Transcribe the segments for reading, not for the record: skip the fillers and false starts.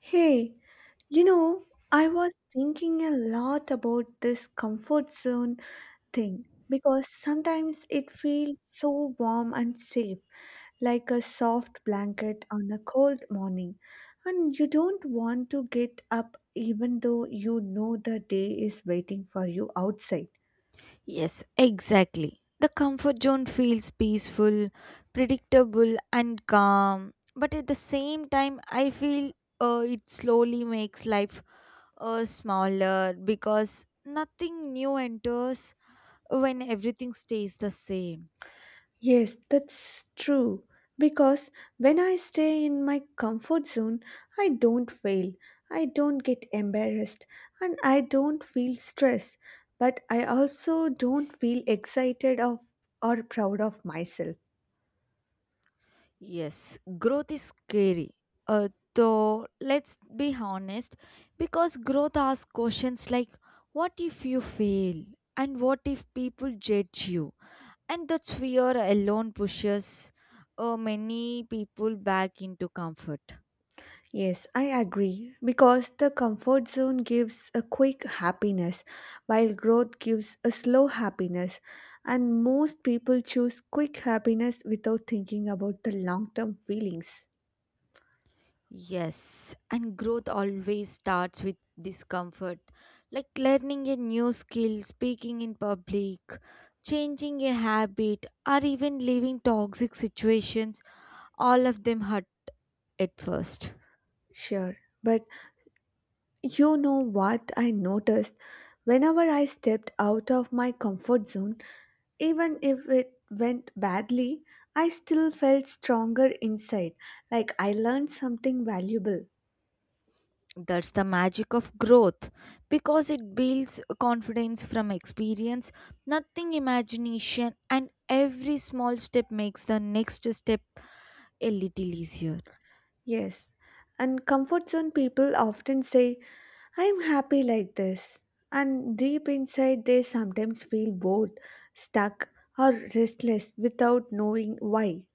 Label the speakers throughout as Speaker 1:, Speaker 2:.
Speaker 1: Hey, you know, I was thinking a lot about this comfort zone thing because sometimes it feels so warm and safe, like a soft blanket on a cold morning, and you don't want to get up even though you know the day is waiting for you outside.
Speaker 2: Yes, exactly. The comfort zone feels peaceful, predictable, and calm. But at the same time, I feel it slowly makes life smaller because nothing new enters when everything stays the same.
Speaker 1: Yes, that's true. Because when I stay in my comfort zone, I don't fail, I don't get embarrassed, and I don't feel stress. But I also don't feel excited of, or proud of myself.
Speaker 2: Yes, growth is scary. Uh, though, let's be honest, because growth asks questions like what if you fail? And what if people judge you? And that fear alone pushes many people back into comfort.
Speaker 1: Yes, I agree. Because the comfort zone gives a quick happiness, while growth gives a slow happiness. And most people choose quick happiness without thinking about the long term feelings.
Speaker 2: Yes, and growth always starts with discomfort, like learning a new skill, speaking in public, changing a habit, or even leaving toxic situations. All of them hurt at first.
Speaker 1: Sure. But you know what I noticed? Whenever I stepped out of my comfort zone, even if it went badly, I still felt stronger inside, like I learned something valuable.
Speaker 2: That's the magic of growth because it builds confidence from experience, nothing imagination, and every small step makes the next step a little easier.
Speaker 1: Yes. And comfort zone people often say, I'm happy like this. And deep inside, they sometimes feel bored, stuck, or restless without knowing why.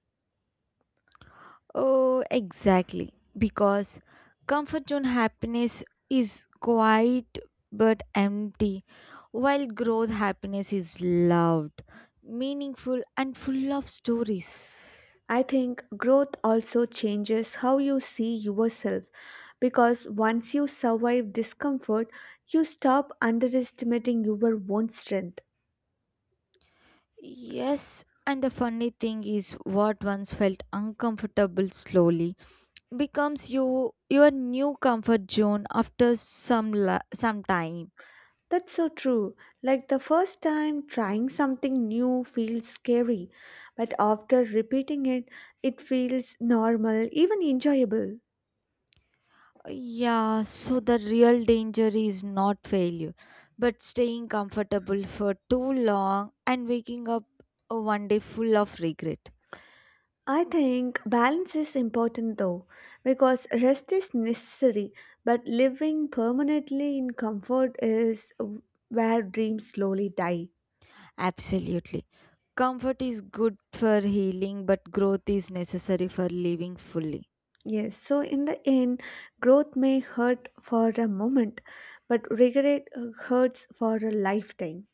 Speaker 2: Oh, exactly. Because comfort zone happiness is quiet but empty, while growth happiness is loud, meaningful, and full of stories.
Speaker 1: I think growth also changes how you see yourself because once you survive discomfort, you stop underestimating your own strength.
Speaker 2: Yes, and the funny thing is what once felt uncomfortable slowly becomes your new comfort zone after some time.
Speaker 1: That's so true. Like the first time trying something new feels scary, but after repeating it, it feels normal, even enjoyable.
Speaker 2: Yeah, so the real danger is not failure, but staying comfortable for too long and waking up one day full of regret.
Speaker 1: I think balance is important though, because rest is necessary, but living permanently in comfort is where dreams slowly die.
Speaker 2: Absolutely. Comfort is good for healing, but growth is necessary for living fully.
Speaker 1: Yes, so in the end, growth may hurt for a moment, but regret hurts for a lifetime.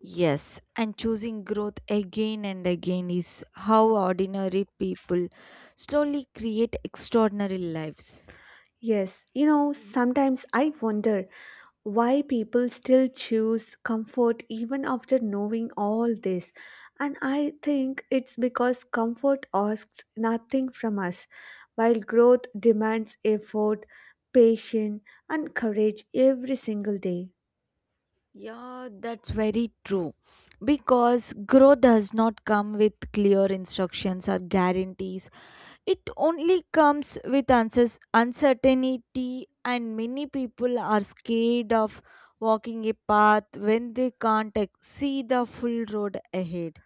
Speaker 2: Yes, and choosing growth again and again is how ordinary people slowly create extraordinary lives.
Speaker 1: Yes, you know, sometimes I wonder why people still choose comfort even after knowing all this. And I think it's because comfort asks nothing from us, while growth demands effort, patience, and courage every single day.
Speaker 2: Yeah, that's very true. Because growth does not come with clear instructions or guarantees, it only comes with uncertainty, and many people are scared of walking a path when they can't see the full road ahead.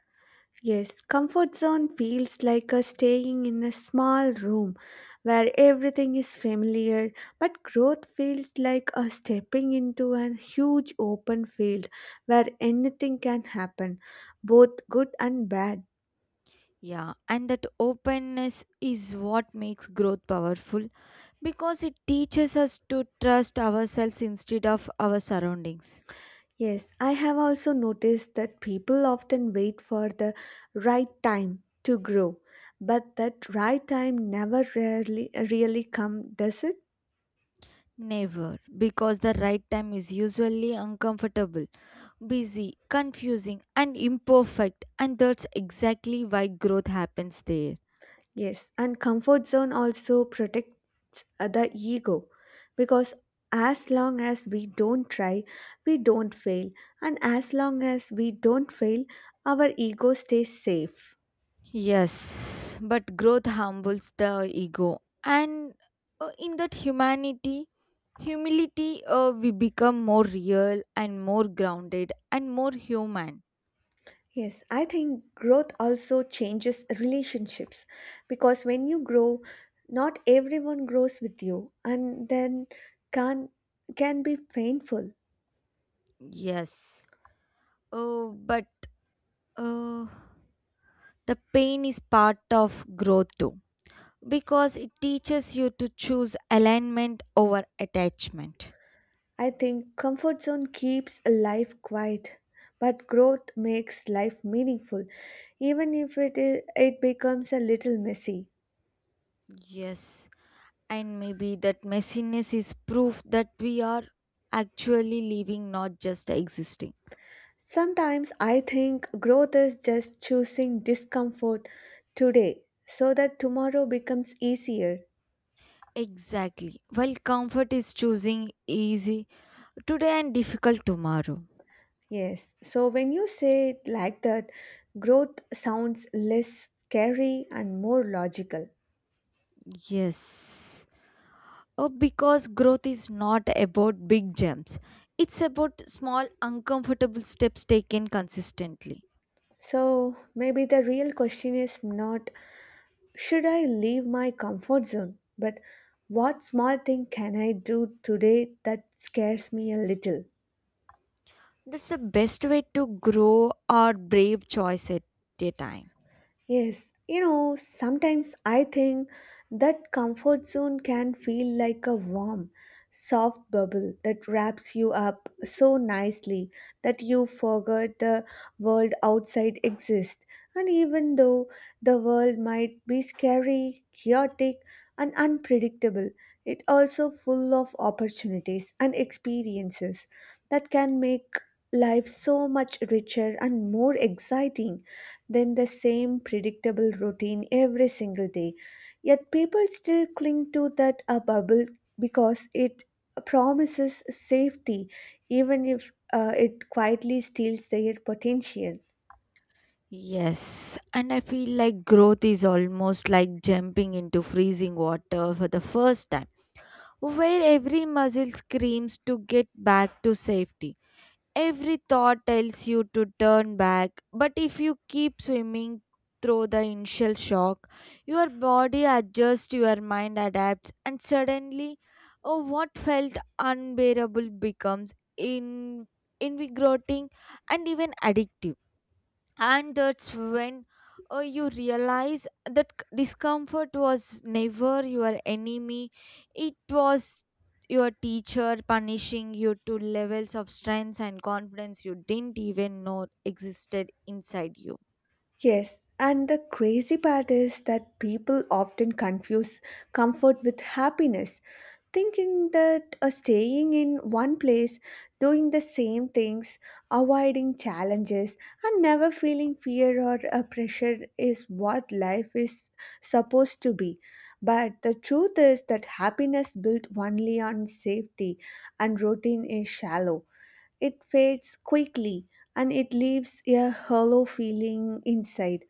Speaker 1: Yes, comfort zone feels like a staying in a small room where everything is familiar, but growth feels like a stepping into a huge open field where anything can happen, both good and bad.
Speaker 2: Yeah, and that openness is what makes growth powerful because it teaches us to trust ourselves instead of our surroundings.
Speaker 1: Yes, I have also noticed that people often wait for the right time to grow, but that right time never rarely really come, does it?
Speaker 2: Never, because the right time is usually uncomfortable, busy, confusing, and imperfect, and that's exactly why growth happens there.
Speaker 1: Yes, and comfort zone also protects the ego because as long as we don't try, we don't fail, and as long as we don't fail, our ego stays safe.
Speaker 2: Yes, but growth humbles the ego, and in that humility, we become more real and more grounded and more human.
Speaker 1: Yes, I think growth also changes relationships because when you grow, not everyone grows with you, and then can can be painful.
Speaker 2: Yes, but uh, the pain is part of growth too, because it teaches you to choose alignment over attachment.
Speaker 1: I think comfort zone keeps life quiet, but growth makes life meaningful, even if it becomes a little messy.
Speaker 2: Yes, and maybe that messiness is proof that we are actually living, not just existing.
Speaker 1: Sometimes I think growth is just choosing discomfort today so that tomorrow becomes easier.
Speaker 2: Exactly. While comfort is choosing easy today and difficult tomorrow.
Speaker 1: Yes, so when you say it like that, growth sounds less scary and more logical.
Speaker 2: Yes. Oh, because growth is not about big jumps, it's about small, uncomfortable steps taken consistently.
Speaker 1: So maybe the real question is not, should I leave my comfort zone? But what small thing can I do today that scares me a little?
Speaker 2: That's the best way to grow our brave choice at a time.
Speaker 1: Yes, you know, sometimes I think that comfort zone can feel like a warm, soft bubble that wraps you up so nicely that you forget the world outside exists. And even though the world might be scary, chaotic, and unpredictable, it also full of opportunities and experiences that can make life so much richer and more exciting than the same predictable routine every single day. Yet people still cling to that a bubble because it promises safety, even if it quietly steals their potential.
Speaker 2: Yes, and I feel like growth is almost like jumping into freezing water for the first time where every muscle screams to get back to safety. Every thought tells you to turn back, but if you keep swimming through the initial shock, your body adjusts, your mind adapts, and suddenly oh, what felt unbearable becomes in invigorating and even addictive, and that's when you realize that discomfort was never your enemy. It was your teacher punishing you to levels of strength and confidence you didn't even know existed inside you.
Speaker 1: Yes, and the crazy part is that people often confuse comfort with happiness, thinking that staying in one place, doing the same things, avoiding challenges, and never feeling fear or pressure is what life is supposed to be. But the truth is that happiness built only on safety and routine is shallow. It fades quickly and it leaves a hollow feeling inside,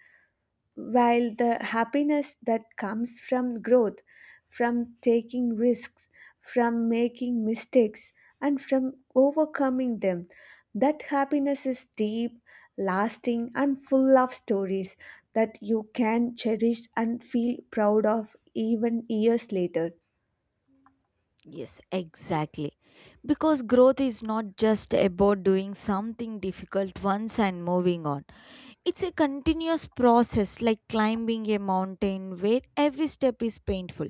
Speaker 1: while the happiness that comes from growth, from taking risks, from making mistakes, and from overcoming them, that happiness is deep, lasting, and full of stories that you can cherish and feel proud of even years later.
Speaker 2: Yes, exactly, because growth is not just about doing something difficult once and moving on. It's a continuous process, like climbing a mountain where every step is painful,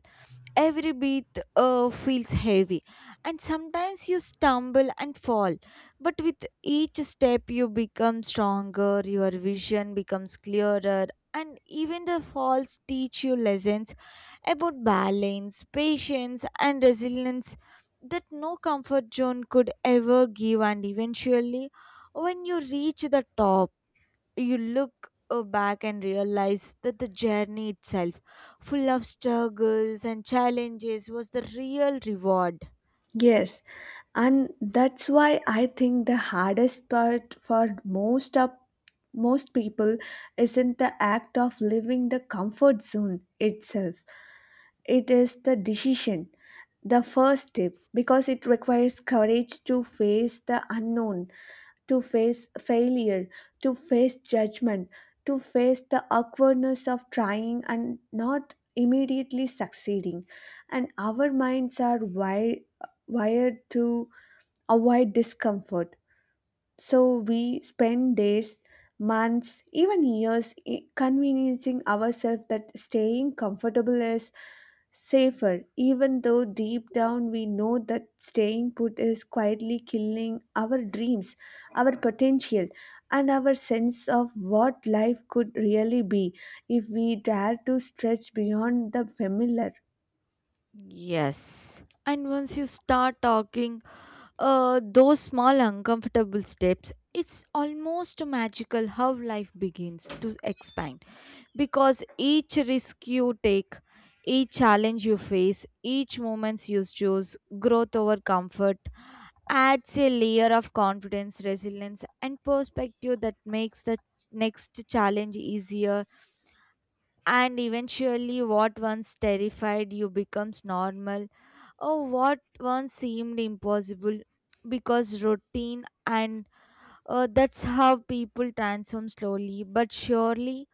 Speaker 2: every beat feels heavy, and sometimes you stumble and fall. But with each step you become stronger, your vision becomes clearer, and even the falls teach you lessons about balance, patience, and resilience that no comfort zone could ever give. And eventually, when you reach the top, you look back and realize that the journey itself, full of struggles and challenges, was the real reward.
Speaker 1: Yes, and that's why I think the hardest part for most people isn't the act of leaving the comfort zone itself. It is the decision, the first step, because it requires courage to face the unknown, to face failure, to face judgment, to face the awkwardness of trying and not immediately succeeding. And our minds are wired to avoid discomfort. So we spend days, months, even years convincing ourselves that staying comfortable is safer, even though deep down we know that staying put is quietly killing our dreams, our potential, and our sense of what life could really be if we dare to stretch beyond the familiar.
Speaker 2: Yes. And once you start talking those small uncomfortable steps, it's almost magical how life begins to expand because each risk you take, each challenge you face, each moments you choose, growth over comfort adds a layer of confidence, resilience, and perspective that makes the next challenge easier. And eventually what once terrified you becomes normal. Oh, what once seemed impossible because routine, and that's how people transform slowly but surely,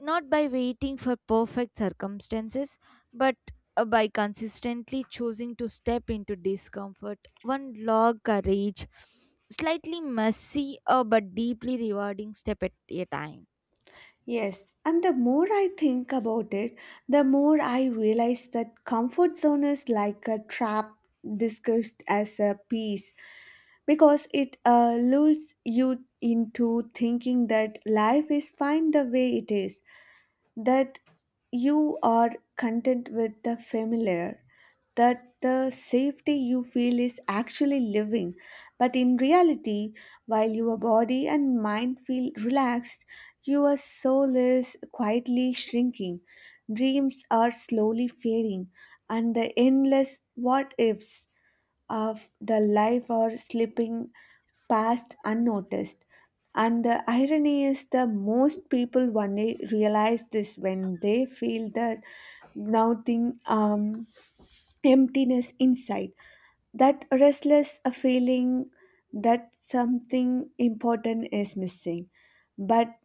Speaker 2: not by waiting for perfect circumstances, but by consistently choosing to step into discomfort. One log courage, slightly messy but deeply rewarding step at a time.
Speaker 1: Yes, and the more I think about it, the more I realize that comfort zone is like a trap disguised as a peace because it lures you into thinking that life is fine the way it is, that you are content with the familiar, that the safety you feel is actually living. But in reality, while your body and mind feel relaxed, your soul is quietly shrinking. Dreams are slowly fading, and the endless what ifs of the life are slipping past unnoticed. And the irony is the most people only realize this when they feel the gnawing emptiness inside. That restless feeling that something important is missing. But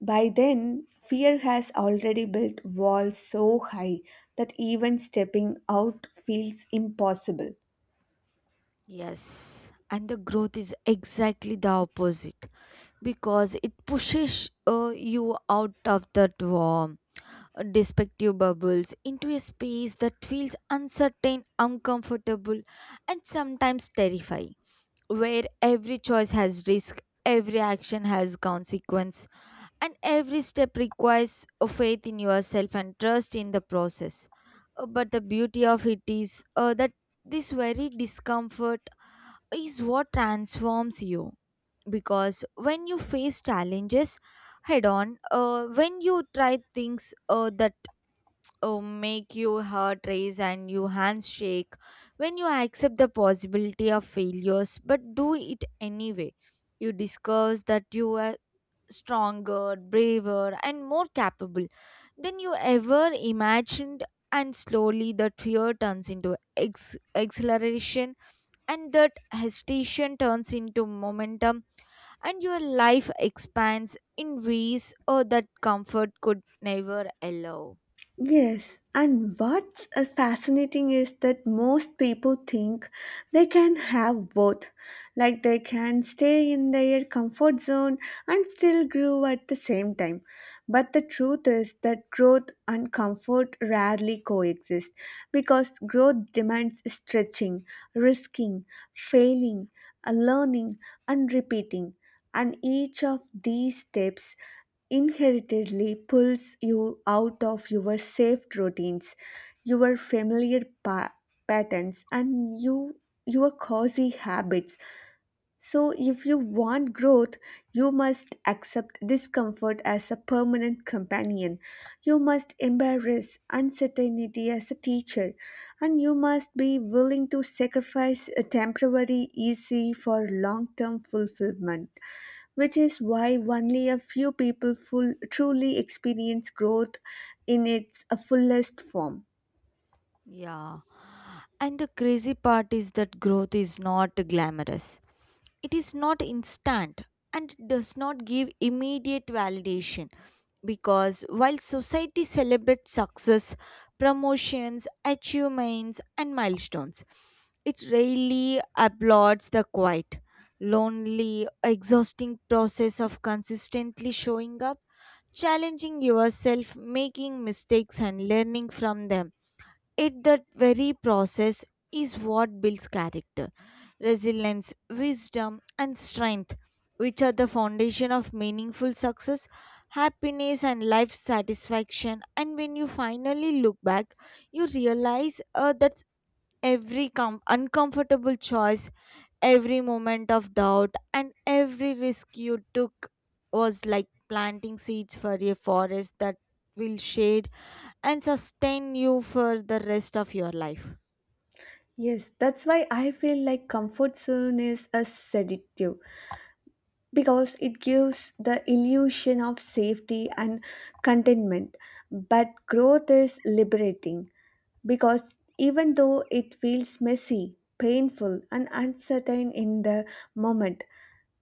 Speaker 1: by then, fear has already built walls so high that even stepping out feels impossible.
Speaker 2: Yes, and the growth is exactly the opposite because it pushes you out of that warm, despective bubbles into a space that feels uncertain, uncomfortable, and sometimes terrifying, where every choice has risk, every action has consequence, and every step requires a faith in yourself and trust in the process. But the beauty of it is that this very discomfort is what transforms you, because when you face challenges head on, when you try things that make you heart race and your hands shake, when you accept the possibility of failures but do it anyway, you discuss that you are stronger, braver, and more capable than you ever imagined. And slowly that fear turns into exhilaration, and that hesitation turns into momentum, and your life expands in ways that comfort could never allow.
Speaker 1: Yes, and what's fascinating is that most people think they can have both. Like they can stay in their comfort zone and still grow at the same time. But the truth is that growth and comfort rarely coexist because growth demands stretching, risking, failing, learning, and repeating. And each of these steps inherently pulls you out of your safe routines, your familiar patterns, and your cozy habits. So, if you want growth, you must accept discomfort as a permanent companion. You must embrace uncertainty as a teacher, and you must be willing to sacrifice a temporary easy for long term fulfillment, which is why only a few people truly experience growth in its fullest form.
Speaker 2: Yeah. And the crazy part is that growth is not glamorous. It is not instant and does not give immediate validation, because while society celebrates success, promotions, achievements, and milestones, it rarely applauds the quiet, lonely, exhausting process of consistently showing up, challenging yourself, making mistakes, and learning from them. It that very process is what builds character, resilience, wisdom, and strength, which are the foundation of meaningful success, happiness, and life satisfaction. And when you finally look back, you realize that every uncomfortable choice, every moment of doubt, and every risk you took was like planting seeds for a forest that will shade and sustain you for the rest of your life.
Speaker 1: Yes, that's why I feel like comfort zone is a sedative because it gives the illusion of safety and contentment. But growth is liberating because even though it feels messy, painful, and uncertain in the moment,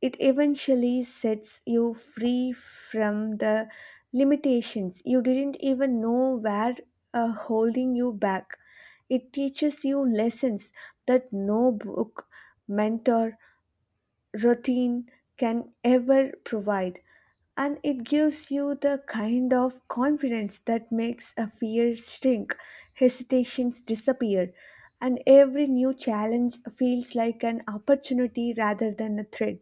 Speaker 1: it eventually sets you free from the limitations you didn't even know were holding you back. It teaches you lessons that no book, mentor, routine can ever provide, and it gives you the kind of confidence that makes a fear shrink, hesitations disappear, and every new challenge feels like an opportunity rather than a threat.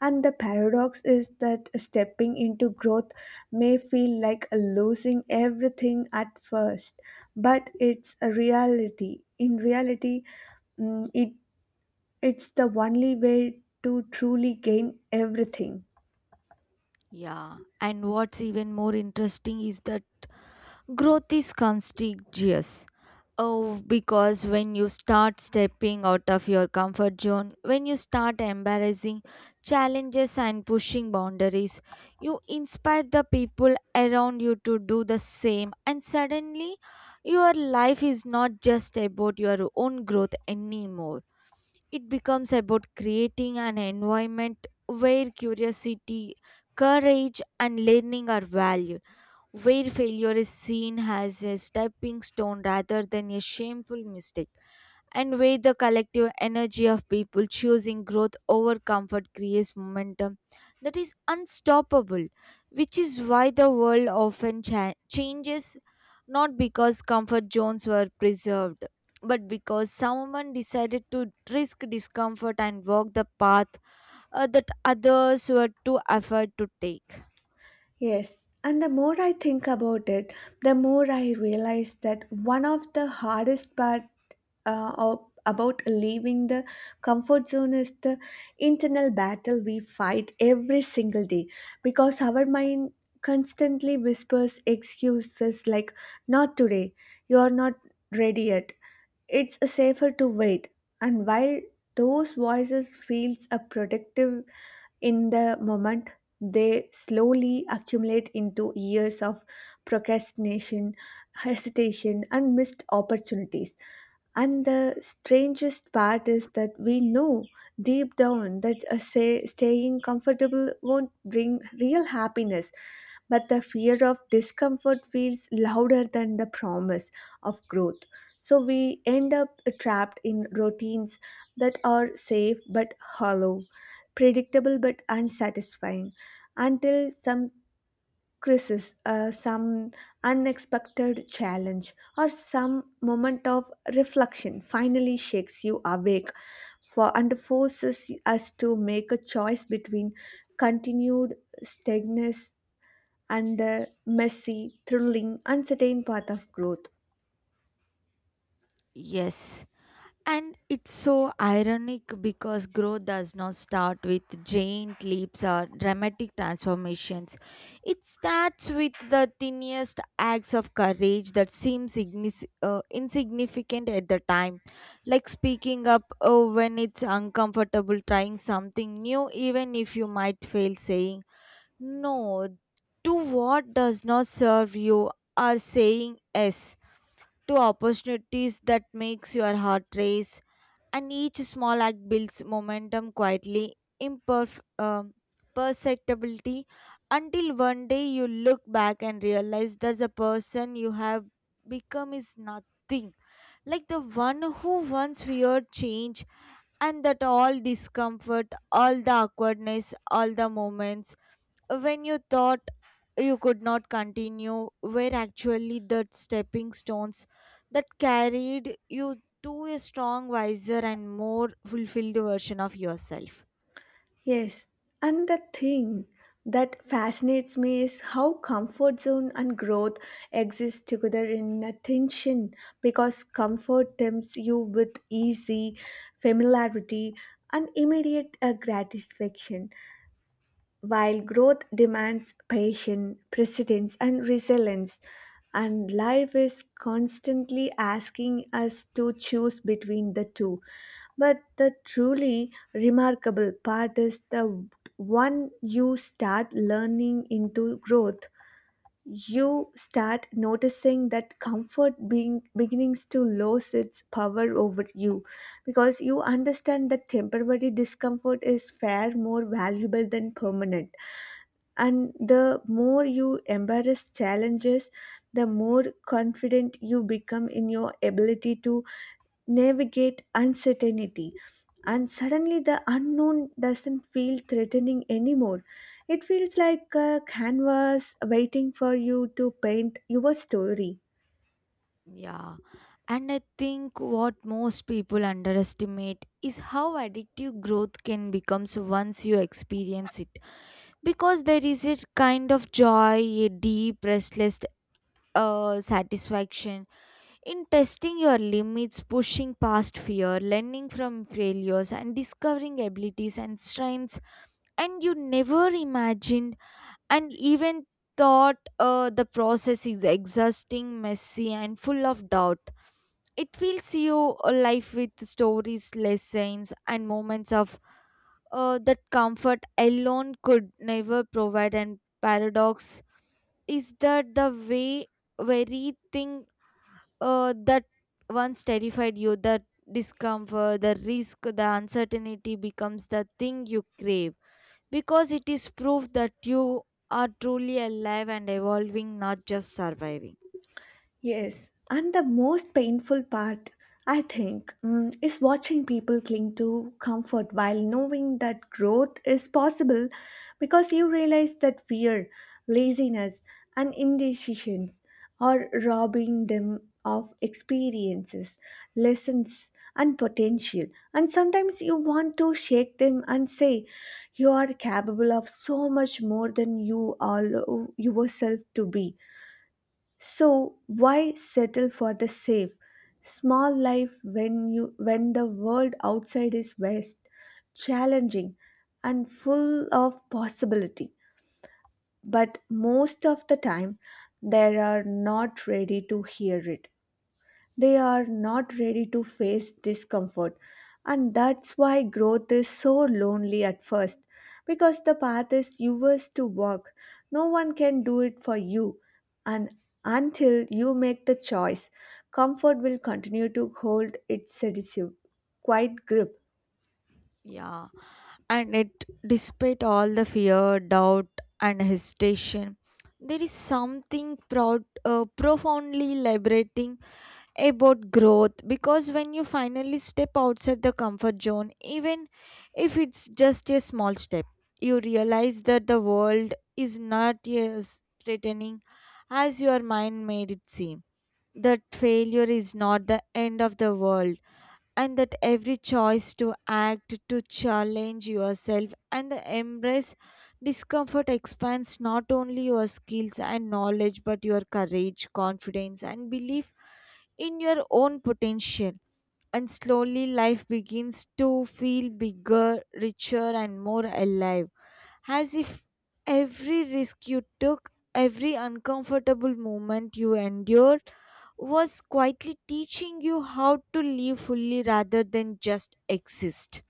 Speaker 1: And the paradox is that stepping into growth may feel like losing everything at first, but it's a reality. In reality, mm, it it's the only way to truly gain everything.
Speaker 2: Yeah. And what's even more interesting is that growth is contagious. Oh, because when you start stepping out of your comfort zone, when you start embarrassing challenges and pushing boundaries, you inspire the people around you to do the same, and suddenly your life is not just about your own growth anymore. It becomes about creating an environment where curiosity, courage, and learning are valued, where failure is seen as a stepping stone rather than a shameful mistake. And with the collective energy of people choosing growth over comfort creates momentum that is unstoppable, which is why the world often changes not because comfort zones were preserved, but because someone decided to risk discomfort and walk the path that others were too afraid to take.
Speaker 1: Yes, and the more I think about it, the more I realize that one of the hardest part uh, of, about leaving the comfort zone is the internal battle we fight every single day because our mind constantly whispers excuses like, not today, you are not ready yet, it's safer to wait, and while those voices feels a productive in the moment, they slowly accumulate into years of procrastination, hesitation, and missed opportunities. And the strangest part is that we know deep down that staying comfortable won't bring real happiness, but the fear of discomfort feels louder than the promise of growth. So we end up trapped in routines that are safe but hollow, predictable but unsatisfying, until some crisis, some unexpected challenge, or some moment of reflection finally shakes you awake and forces us to make a choice between continued stagnance and the messy, thrilling, uncertain path of growth.
Speaker 2: Yes. And it's so ironic because growth does not start with giant leaps or dramatic transformations. It starts with the tiniest acts of courage that seem insignificant at the time, like speaking up when it's uncomfortable, trying something new, even if you might fail, saying no to what does not serve you, or saying yes to opportunities that makes your heart race. And each small act builds momentum quietly, imperf- um, perceptibility, until one day you look back and realize that the person you have become is nothing like the one who once feared change, and that all discomfort, all the awkwardness, all the moments when you thought you could not continue were actually the stepping stones that carried you to a strong, wiser, and more fulfilled version of yourself.
Speaker 1: Yes, and the thing that fascinates me is how comfort zone and growth exist together in a tension because comfort tempts you with easy familiarity and immediate gratification while growth demands patience, persistence, and resilience, and life is constantly asking us to choose between the two. But the truly remarkable part is the one you start learning into growth, you start noticing that comfort being beginnings to lose its power over you because you understand that temporary discomfort is far more valuable than permanent, and the more you embrace challenges, the more confident you become in your ability to navigate uncertainty, and suddenly the unknown doesn't feel threatening anymore. It feels like a canvas waiting for you to paint your story.
Speaker 2: Yeah. And I think what most people underestimate is how addictive growth can become once you experience it. Because there is a kind of joy, a deep, restless satisfaction in testing your limits, pushing past fear, learning from failures, and discovering abilities and strengths, and you never imagined and even thought the process is exhausting, messy, and full of doubt. It fills you a life with stories, lessons, and moments of that comfort alone could never provide. And paradox is that the way very thing that once terrified you, that discomfort, the risk, the uncertainty becomes the thing you crave because it is proof that you are truly alive and evolving, not just surviving.
Speaker 1: Yes, and the most painful part, I think, is watching people cling to comfort while knowing that growth is possible because you realize that fear, laziness, and indecisions are robbing them of experiences, lessons, and potential. And sometimes you want to shake them and say, you are capable of so much more than you allow yourself to be, so why settle for the safe, small life when you when the world outside is vast, challenging, and full of possibility? But most of the time, they are not ready to hear it. They are not ready to face discomfort. And that's why growth is so lonely at first. Because the path is yours to walk, no one can do it for you. And until you make the choice, comfort will continue to hold its seductive, quiet grip.
Speaker 2: Yeah, and it, despite all the fear, doubt, and hesitation, there is something profoundly liberating about growth because when you finally step outside the comfort zone, even if it's just a small step, you realize that the world is not as threatening as your mind made it seem. That failure is not the end of the world, and that every choice to act, to challenge yourself, and the embrace discomfort expands not only your skills and knowledge but your courage, confidence, and belief in your own potential. And slowly, life begins to feel bigger, richer, and more alive, as if every risk you took, every uncomfortable moment you endured was quietly teaching you how to live fully rather than just exist.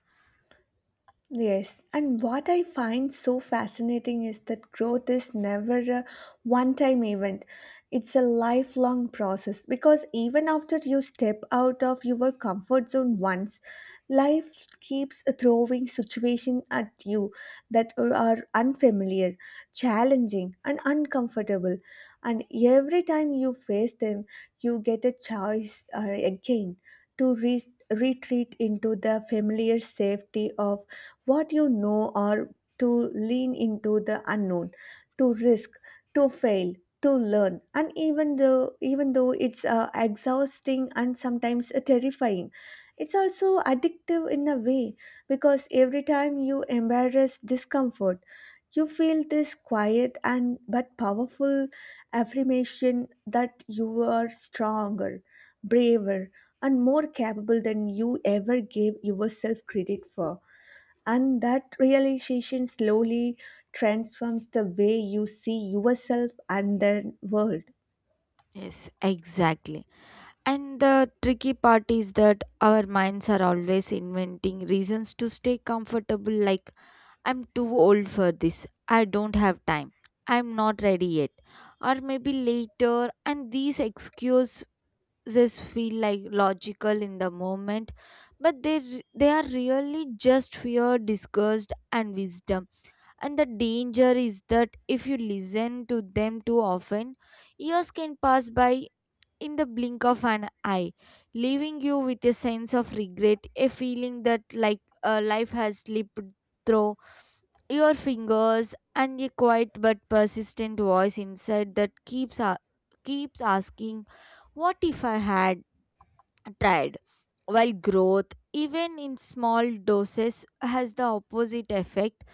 Speaker 1: Yes, and what I find so fascinating is that growth is never a one time event. It's a lifelong process because even after you step out of your comfort zone once, life keeps throwing situations at you that are unfamiliar, challenging, and uncomfortable. And every time you face them, you get a choice again to retreat into the familiar safety of what you know or to lean into the unknown, to risk, to fail, to learn. And even though it's exhausting and sometimes terrifying, it's also addictive in a way because every time you embrace discomfort, you feel this quiet and but powerful affirmation that you are stronger, braver, and more capable than you ever gave yourself credit for. And that realization slowly transforms the way you see yourself and the world.
Speaker 2: Yes, exactly. And the tricky part is that our minds are always inventing reasons to stay comfortable, like, I'm too old for this, I don't have time, I'm not ready yet, or maybe later. And these excuses feel like logical in the moment, but they are really just fear, disgust, and wisdom. And the danger is that if you listen to them too often, years can pass by in the blink of an eye, leaving you with a sense of regret, a feeling that like life has slipped through your fingers, and a quiet but persistent voice inside that keeps asking, "What if I had tried?" While growth, even in small doses, has the opposite effect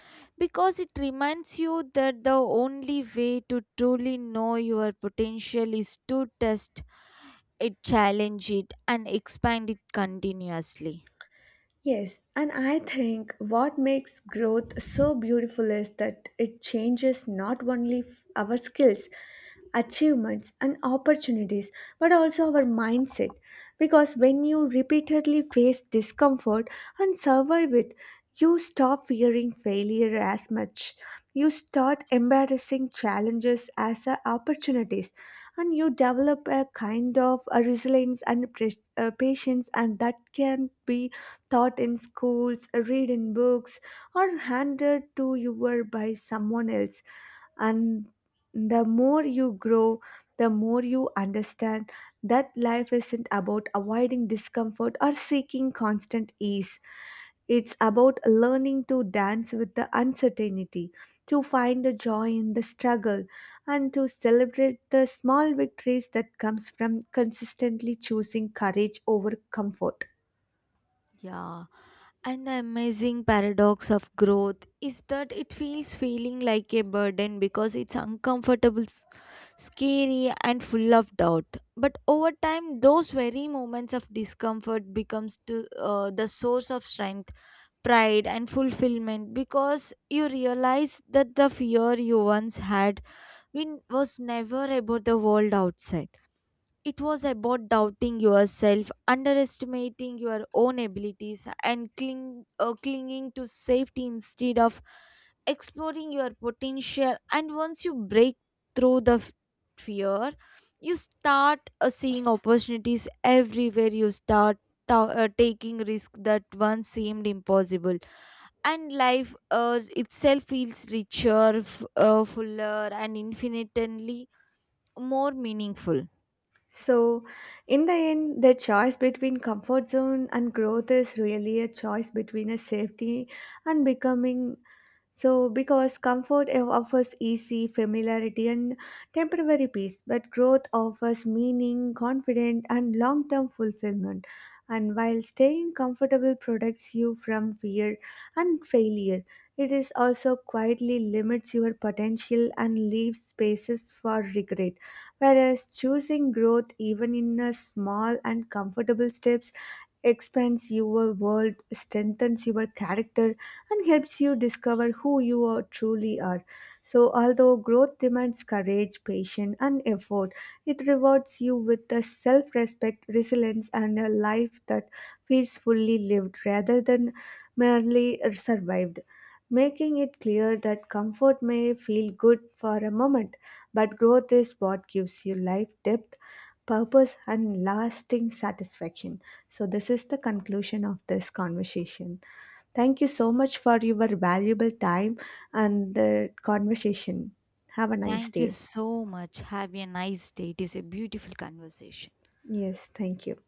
Speaker 2: because it reminds you that the only way to truly know your potential is to test it, challenge it, and expand it continuously.
Speaker 1: Yes, and I think what makes growth so beautiful is that it changes not only our skills, achievements, and opportunities, but also our mindset. Because when you repeatedly face discomfort and survive it, you stop fearing failure as much. You start embarrassing challenges as a opportunities, and you develop a kind of a resilience and patience, and that can be taught in schools, read in books, or handed to you by someone else. And the more you grow, the more you understand that life isn't about avoiding discomfort or seeking constant ease. It's about learning to dance with the uncertainty, to find a joy in the struggle, and to celebrate the small victories that comes from consistently choosing courage over comfort.
Speaker 2: Yeah, and the amazing paradox of growth is that it feels feeling like a burden because it's uncomfortable, scary, and full of doubt. But over time, those very moments of discomfort becomes to the source of strength, pride, and fulfillment because you realize that the fear you once had was never about the world outside. It was about doubting yourself, underestimating your own abilities, and clinging to safety instead of exploring your potential. And once you break through the fear, you start seeing opportunities everywhere. You start taking risks that once seemed impossible. And life itself feels richer, fuller, and infinitely more meaningful.
Speaker 1: So, in the end, the choice between comfort zone and growth is really a choice between a safety and becoming so, because comfort offers easy familiarity and temporary peace, but growth offers meaning, confidence, and long term fulfillment. And while staying comfortable protects you from fear and failure, it is also quietly limits your potential and leaves spaces for regret. Whereas choosing growth, even in a small and comfortable steps, expands your world, strengthens your character, and helps you discover who you are, truly are. So, although growth demands courage, patience, and effort, it rewards you with the self respect, resilience, and a life that feels fully lived rather than merely survived. Making it clear that comfort may feel good for a moment, but growth is what gives you life depth, purpose, and lasting satisfaction. So, this is the conclusion of this conversation. Thank you so much for your valuable time and the conversation. Have a nice
Speaker 2: Thank you
Speaker 1: day.
Speaker 2: so much. Have a nice day. It is a beautiful conversation.
Speaker 1: Yes, thank you.